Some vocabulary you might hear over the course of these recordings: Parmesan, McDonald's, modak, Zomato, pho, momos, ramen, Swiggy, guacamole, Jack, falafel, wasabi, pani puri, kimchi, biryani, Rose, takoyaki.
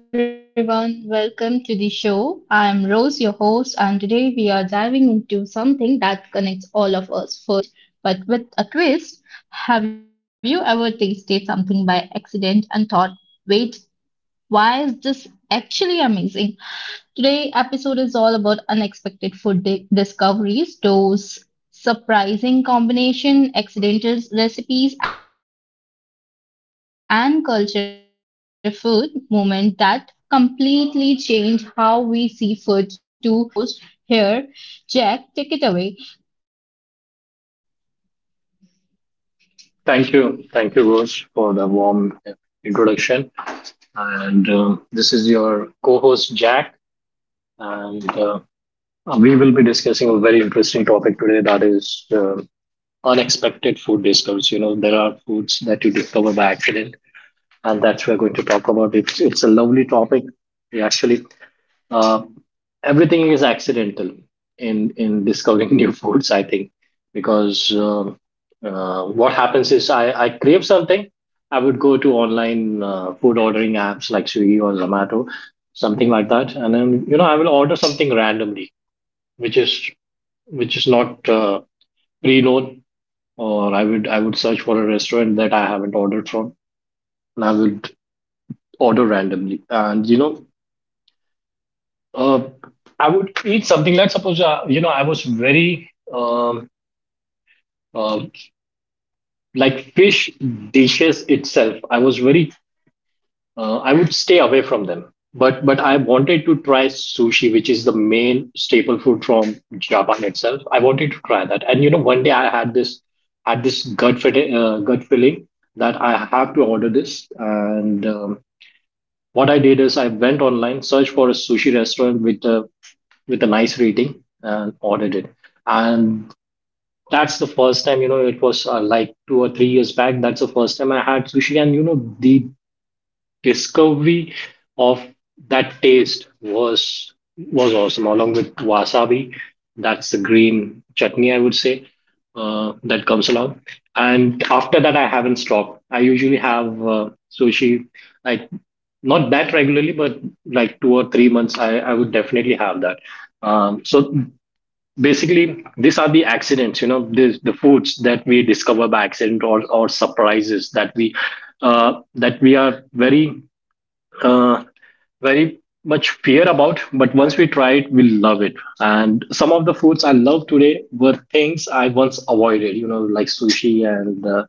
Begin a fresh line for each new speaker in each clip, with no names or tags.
Hello, everyone. Welcome to the show. I'm Rose, your host, and today we are diving into something that connects all of us food, but with a twist. Have you ever tasted something by accident and thought, wait, why is this actually amazing? Today episode is all about unexpected food discoveries, those surprising combination, accidental recipes and culture food moment that completely change how we see food. To explore the delicious topic with me, I have my co-host here, Jack. Take it away.
Thank you. Thank you, Rose, for the warm introduction. And this is your co host, Jack. And we will be discussing a very interesting topic today that is unexpected food discoveries. You know, there are foods that you discover by accident, and that's we're going to talk about. It's a lovely topic. We actually uh, Everything is accidental in discovering new foods. I think because what happens is I crave something. I would go to online food ordering apps like Swiggy or Zomato, something like that, and then you know I will order something randomly, which is which is not pre-known, or I would search for a restaurant that I haven't ordered from, and I would order randomly, and you know Uh, I would eat something like suppose, you know, I was very um like fish dishes itself. I was very I would stay away from them. But I wanted to try sushi, which is the main staple food from Japan itself. I wanted to try that, and you know one day I had this had this gut feeling that I have to order this. And what I did is I went online, searched for a sushi restaurant with a nice rating and audited. And that's the first time, you know, it was like 2 or 3 years back. That's the first time I had sushi. And, you know, the discovery of that taste was awesome, along with wasabi. That's the green chutney, I would say, that comes along. And after that, I haven't stopped. I usually have sushi, like not that regularly, but like 2 or 3 months, I would definitely have that. So basically these are the accidents, you know, this, the foods that we discover by accident, or surprises that we are very, uh, very much fear about. But once we try it we love it. And some of the foods I love today were things I once avoided, you know, like sushi. and uh,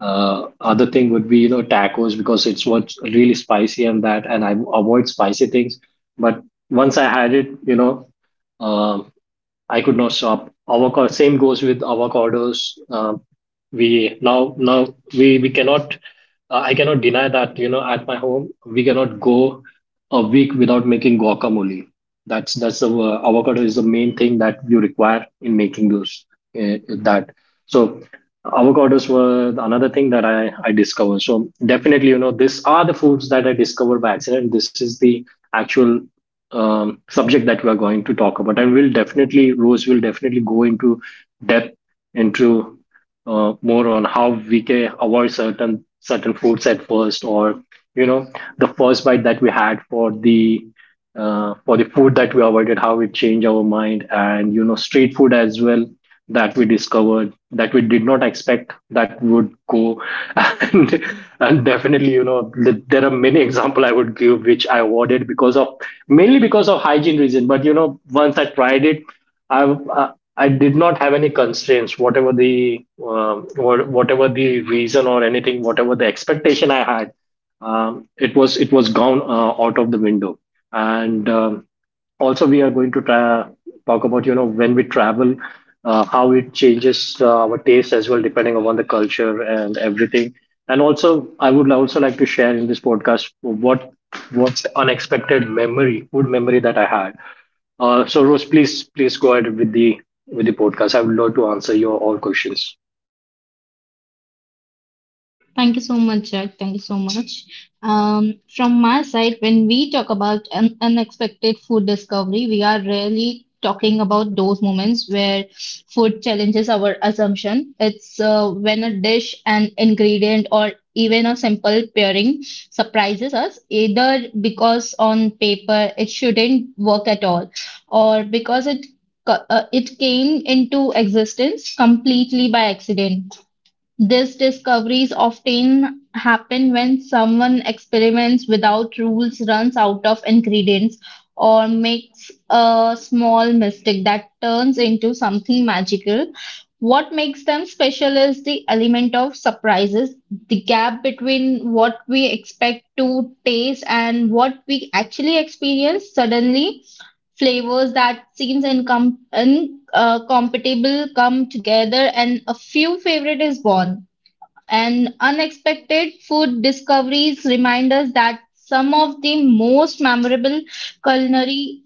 uh, other thing would be, you know, tacos, because it's what's really spicy and that, and I avoid spicy things. But once I had it, you know, um I could not stop. Avocado. Same goes with avocados. We now now we cannot. I cannot deny that, you know, at my home we cannot go a week without making guacamole. That's the avocado is the main thing that you require in making those, uh, that. So avocados were another thing that I discovered. So definitely, you know, these are the foods that I discovered by accident. This is the actual subject that we are going to talk about, and we'll definitely Rose will definitely go into depth into, more on how we can avoid certain foods at first, or you know, the first bite that we had for the, for the food that we avoided, how it changed our mind. And you know, street food as well that we discovered, that we did not expect that would go and, and definitely, you know, there are many example I would give, which I avoided because of, mainly because of hygiene reason. But you know, once I tried it, i uh, I did not have any constraints, whatever the reason or anything, whatever the expectation I had, it was gone, out of the window. And also we are going to talk about, you know, when we travel, how it changes, our taste as well depending upon the culture and everything. And also I would also like to share in this podcast what what's unexpected memory, food memory that I had. So Rose, please go ahead with the, with the podcast. I would love to answer your all questions.
Thank you so much, Jack. Thank you so much. From my side, when we talk about an unexpected food discovery, we are really talking about those moments where food challenges our assumption. It's when a dish, an ingredient, or even a simple pairing surprises us, either because on paper it shouldn't work at all, or because it it came into existence completely by accident. These discoveries often happen when someone experiments without rules, runs out of ingredients, or makes a small mistake that turns into something magical. What makes them special is the element of surprises, the gap between what we expect to taste and what we actually experience suddenly flavors that seems incompatible come together and a few favorite is born, and unexpected food discoveries remind us that some of the most memorable culinary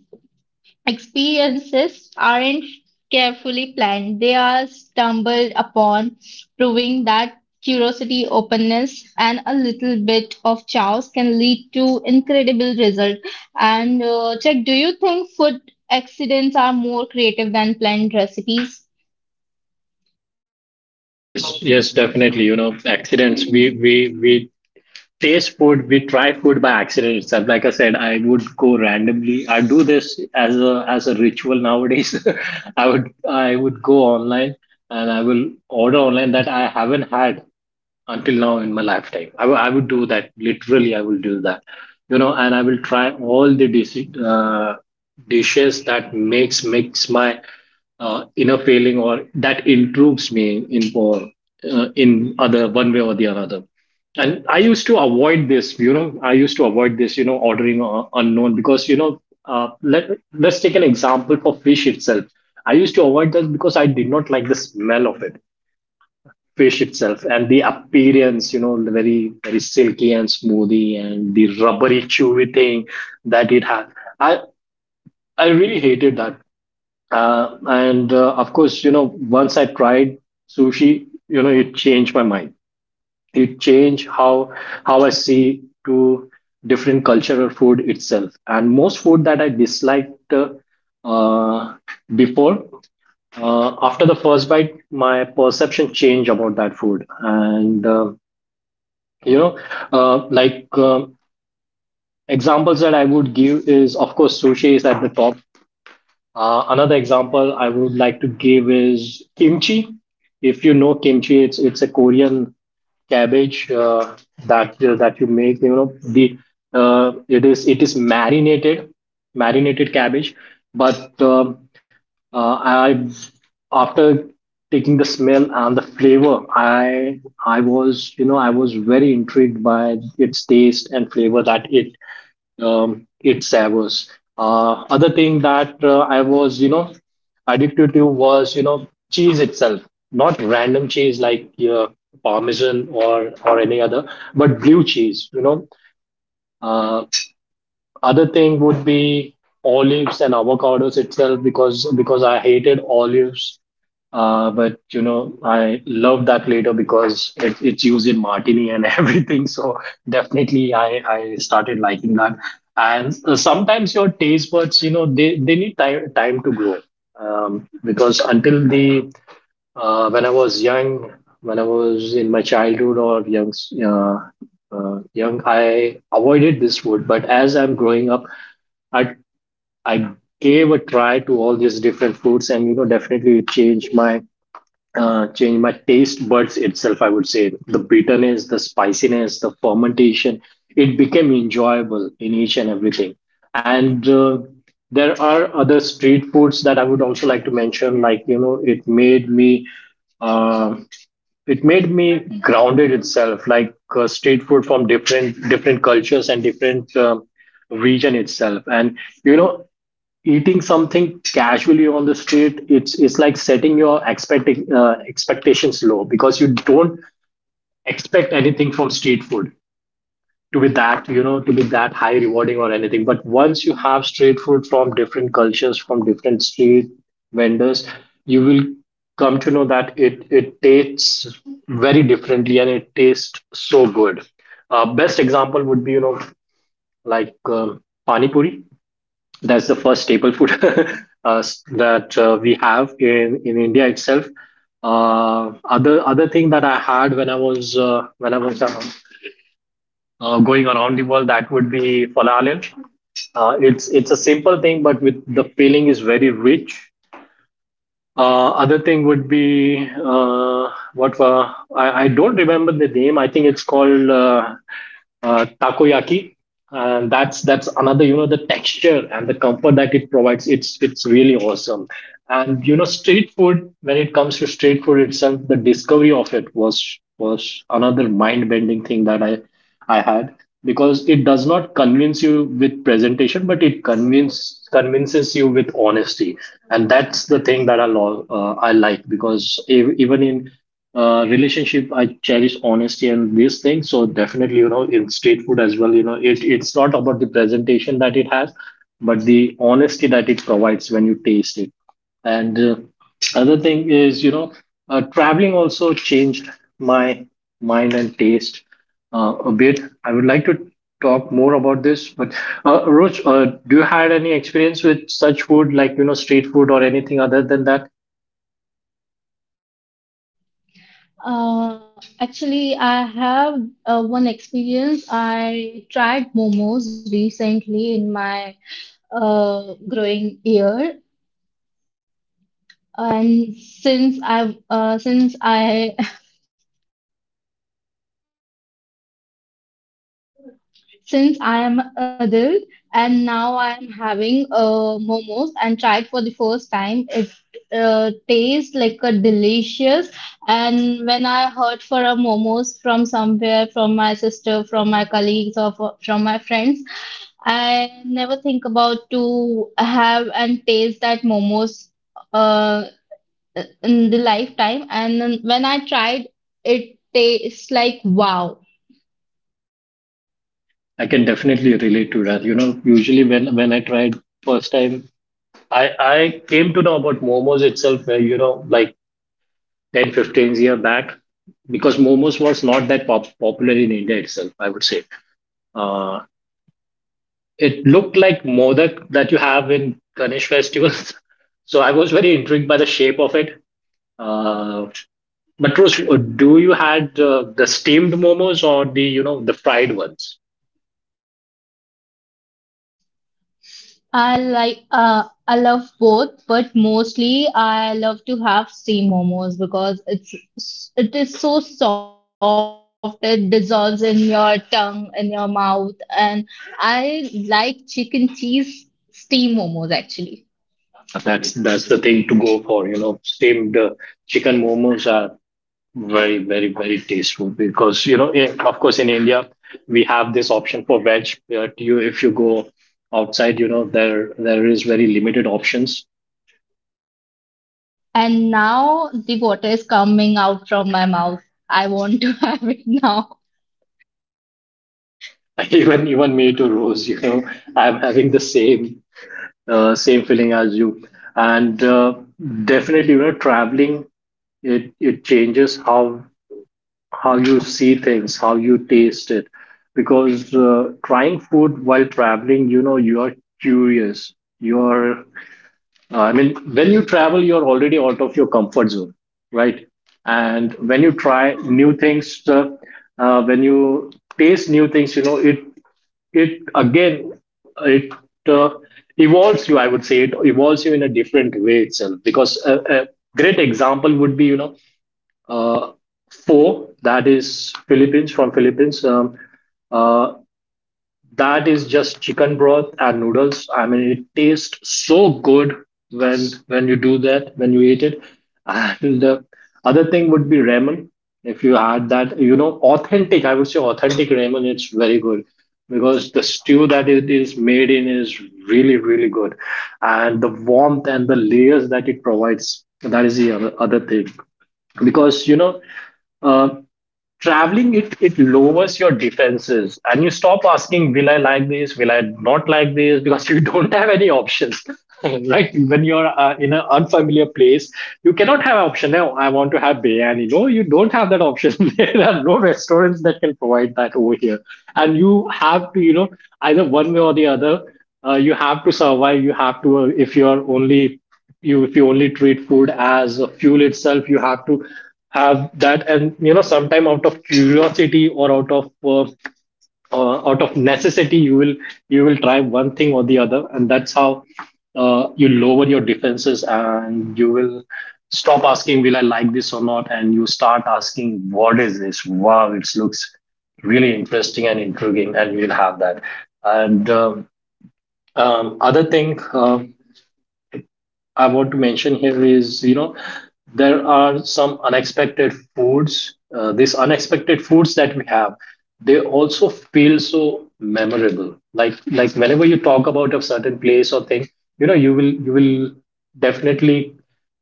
experiences aren't carefully planned, they are stumbled upon, proving that curiosity, openness, and a little bit of chaos can lead to incredible results. And Check, do you think food accidents are more creative than planned recipes?
Yes, yes, definitely, you know, accidents, we taste food, we try food by accident itself. Like I said, I would go randomly. I do this as a ritual nowadays. I would go online and I will order online that I haven't had until now in my lifetime. I, I would do that. Literally, I will do that. You know, and I will try all the uh, dishes that makes my inner feeling, or that improves me in for, in other one way or the another. And I used to avoid this. You know, I used to avoid this. You know, ordering unknown, because you know. Let's take an example for fish itself. I used to avoid that because I did not like the smell of it, fish itself, and the appearance, you know, the very, very silky and smoothy and the rubbery chewy thing that it had. i I really hated that. And of course, you know, once I tried sushi, you know, it changed my mind. It changed how I see to different cultural food itself. And most food that I disliked, uh, before, after the first bite, my perception changed about that food. And you know, like, examples that I would give is of course sushi is at the top. Another example I would like to give is kimchi. If you know kimchi, it's a Korean cabbage, that, that you make, you know, the it is marinated cabbage. But I, after taking the smell and the flavor, I was very intrigued by its taste and flavor that it, it Savos. Other thing that, I was, you know, addicted to, was, you know, cheese itself, not random cheese like, Parmesan or any other, but blue cheese. You know, uh, other thing would be olives and avocados itself, because I hated olives. But you know, I love that later because it's used in martini and everything. So definitely, I started liking that. And sometimes your taste buds, you know, they need time to grow, because until the when I was young, when I was in my childhood or young, uh, I avoided this food. But as I'm growing up, I I gave a try to all these different foods. And you know, definitely it changed my, change my taste buds itself. I would say the bitterness, the spiciness, the fermentation, it became enjoyable in each and everything. And there are other street foods that I would also like to mention, like you know, uh, it made me grounded itself, like, street food from different cultures and different, region itself. And you know, eating something casually on the street, it's like setting your expecting expectations low, because you don't expect anything from street food to be that, you know, to be that high rewarding or anything. But once you have street food from different cultures, from different street vendors, you will come to know that it tastes very differently, and it tastes so good. Best example would be, you know, like, pani puri. That's the first staple food that we have in India itself. uh, other thing that I had when I was, when I was young, going around the world, that would be falafel. It's a simple thing, but with the filling is very rich. Other thing would be, what I don't remember the name. I think it's called, takoyaki. And that's another, you know, the texture and the comfort that it provides. It's really awesome. And you know, street food, when it comes to street food itself, the discovery of it was another mind-bending thing that I had, because it does not convince you with presentation, but it convinces you with honesty. And that's the thing that I love. I like, because even in, relationship, I cherish honesty and these things. So definitely, you know, in street food as well, you know, it's not about the presentation that it has, but the honesty that it provides when you taste it. And other thing is, you know, traveling also changed my mind and taste, a bit. I would like to talk more about this, but Roach, do you had any experience with such food, like you know, street food or anything other than that?
Actually, I have one experience. I tried momos recently in my growing year, and since I since I am adult and now I am having momos and tried for the first time. It tastes like a delicious. And when I heard for a momos from somewhere, from my sister, from my colleagues, or from my friends, I never think about to have and taste that momos uh, in the lifetime. And then when I tried, it tastes like wow.
I can definitely relate to that. You know, usually when I tried first time, I I came to know about momos itself, where you know, like ten fifteen 15-year back, because momos was not that popular in India itself, I would say. uh, it looked like modak that you have in Ganesh festivals. So I was very intrigued by the shape of it. Uh, but Rose, do you had the steamed momos or, the you know, the fried ones?
I like I love both, but mostly I love to have steam momos because it is so soft, it dissolves in your tongue, in your mouth, and I like chicken cheese steam momos actually.
Yeah, that's the thing to go for. You know, steamed chicken momos are very, very, very tasteful because, you know, in, of course, in India we have this option for veg, but you if you go outside, you know, there is very limited options.
And now the water is coming out from my mouth. I want to have it now.
Even me to Rose, you know, I'm having the same same feeling as you, and definitely, you know, traveling, it changes how you see things, how you taste it. Because trying food while traveling, you know, you are curious. You're, I mean, when you travel, you're already out of your comfort zone, right? And when you try new things, when you taste new things, you know, it again, it uh, evolves you, I would say, it evolves you in a different way itself. Because a great example would be, you know, uh, pho that is Philippines, from Philippines. Uh, that is just chicken broth and noodles. I mean, it tastes so good when when you do that when you eat it. And the other thing would be ramen. If you had that, you know, authentic, I would say authentic ramen, it's very good because the stew that it is made in is really really good, and the warmth and the layers that it provides. That is the other, other thing, because you know. Uh, Traveling, it lowers your defenses and you stop asking, will I like this, will I not like this, because you don't have any options right? When you're in an unfamiliar place, you cannot have option, now I want to have biryani, no, you don't have that option. There are no restaurants that can provide that over here, and you have to, you know, either one way or the other, you have to survive, you have to if you're only you if you only treat food as a fuel itself, you have to have that. And, you know, sometime out of curiosity or out of necessity, you will try one thing or the other, and that's how you lower your defenses and you will stop asking, will I like this or not, and you start asking, what is this, wow, it looks really interesting and intriguing, and we'll have that. And other thing, I want to mention here is, you know, there are some unexpected foods. These unexpected foods that we have, they also feel so memorable. Like whenever you talk about a certain place or thing, you know, you will definitely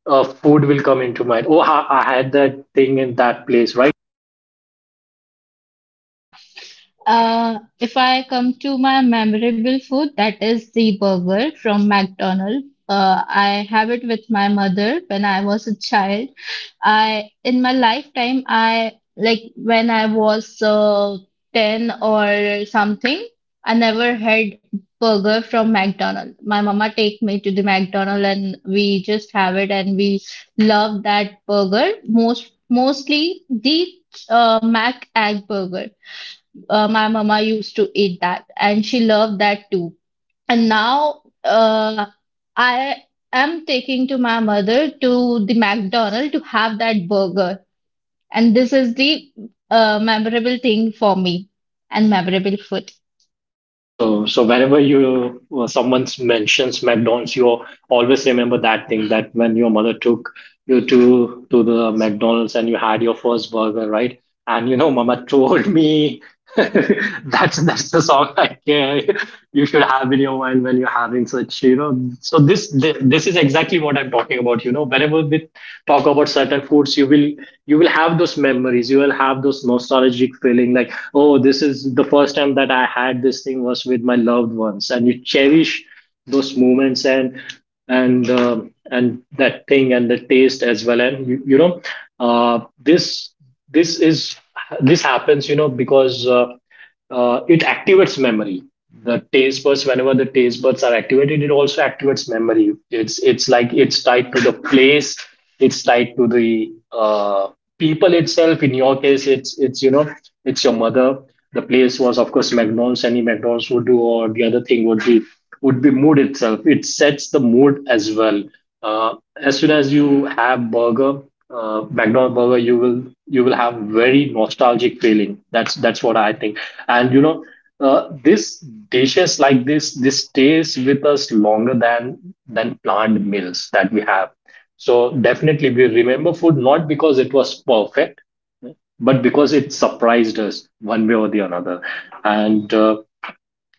food will come into mind. Oh, I had that thing in that place, right?
If I come to my memorable food, that is the burger from McDonald's. I have it with my mother when I was a child. I in my lifetime, I like when I was 10 or something, I never had burger from McDonald's. My mama take me to the McDonald's and we just have it and we love that burger most mostly the mac egg burger, my mama used to eat that and she loved that too. And now I am taking to my mother to the McDonald's to have that burger, and this is the memorable thing for me and memorable food.
So whenever you someone mentions McDonald's, you always remember that thing, that when your mother took you to the McDonald's and you had your first burger, right? And you know, Mama told me, that's the song I care, you should have in your mind when you're having such, you know. So this is exactly what I'm talking about. You know, whenever we talk about certain foods, you will have those memories. You will have those nostalgic feeling, like, oh, this is the first time that I had this thing was with my loved ones, and you cherish those moments and and that thing and the taste as well. And you know, this this is this happens, you know, because it activates memory. The taste buds, whenever the taste buds are activated, it also activates memory. It's like it's tied to the place, it's tied to the people itself. In your case, it's you know, it's your mother. The place was, of course, McDonald's, any McDonald's would do. Or the other thing would be mood itself, it sets the mood as well. As soon as you have burger, McDonald's burger, you will have very nostalgic feeling, that's what I think. And you know, this dishes like this, stays with us longer than planned meals that we have. So definitely, we remember food not because it was perfect, but because it surprised us one way or the another. and uh,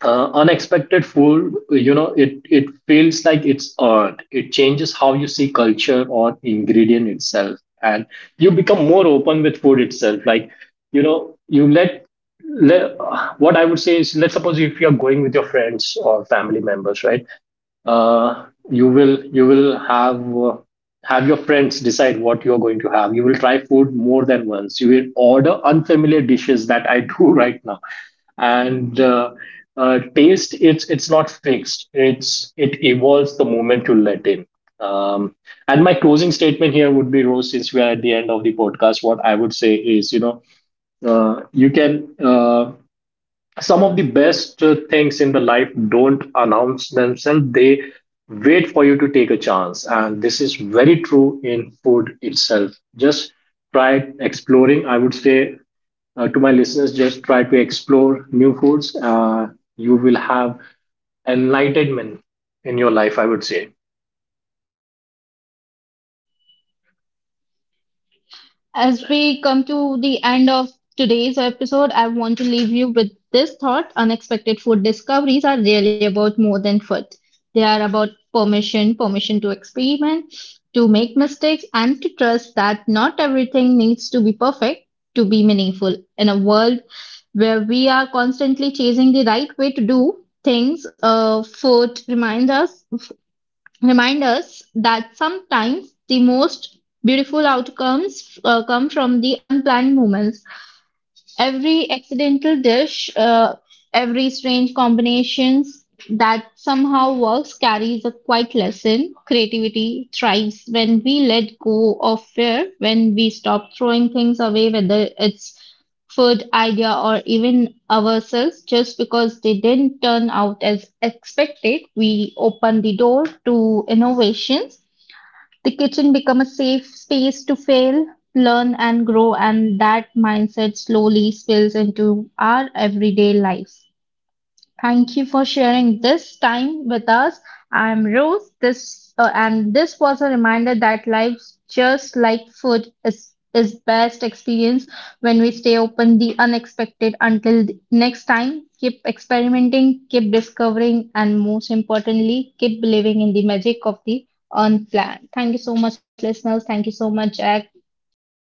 uh, unexpected food, you know, it feels like it's earned, it changes how you see culture or ingredient itself, and you become more open with food itself. Like, you know, you let, let what I would say is, let's suppose if you're going with your friends or family members, right, you will have your friends decide what you're going to have. You will try food more than once. You will order unfamiliar dishes, that I do right now, and taste, it's not fixed. It evolves the moment you let in. Um, and my closing statement here would be, Rose, since we are at the end of the podcast, what I would say is, you know, you can. Some of the best things in the life don't announce themselves, they wait for you to take a chance, and this is very true in food itself. Just try exploring, I would say, to my listeners, just try to explore new foods. You will have enlightenment in your life, I would say.
As we come to the end of today's episode, I want to leave you with this thought. Unexpected food discoveries are really about more than food. They are about permission, permission to experiment, to make mistakes, and to trust that not everything needs to be perfect to be meaningful. In a world where we are constantly chasing the right way to do things, food reminds us remind us that sometimes the most beautiful outcomes come from the unplanned moments. Every accidental dish, every strange combinations that somehow works carries a quiet lesson. Creativity thrives when we let go of fear, when we stop throwing things away, whether it's food, idea, or even ourselves, just because they didn't turn out as expected. We open the door to innovations, the kitchen become a safe space to fail, learn and grow, and that mindset slowly spills into our everyday life. Thank you for sharing this time with us. I'm Rose. This and this was a reminder that life, just like food, is best experienced when we stay open the unexpected. Until the next time, keep experimenting, keep discovering, and most importantly, keep believing in the magic of the unplanned. Thank you so much, listeners. Thank you so much, Jack.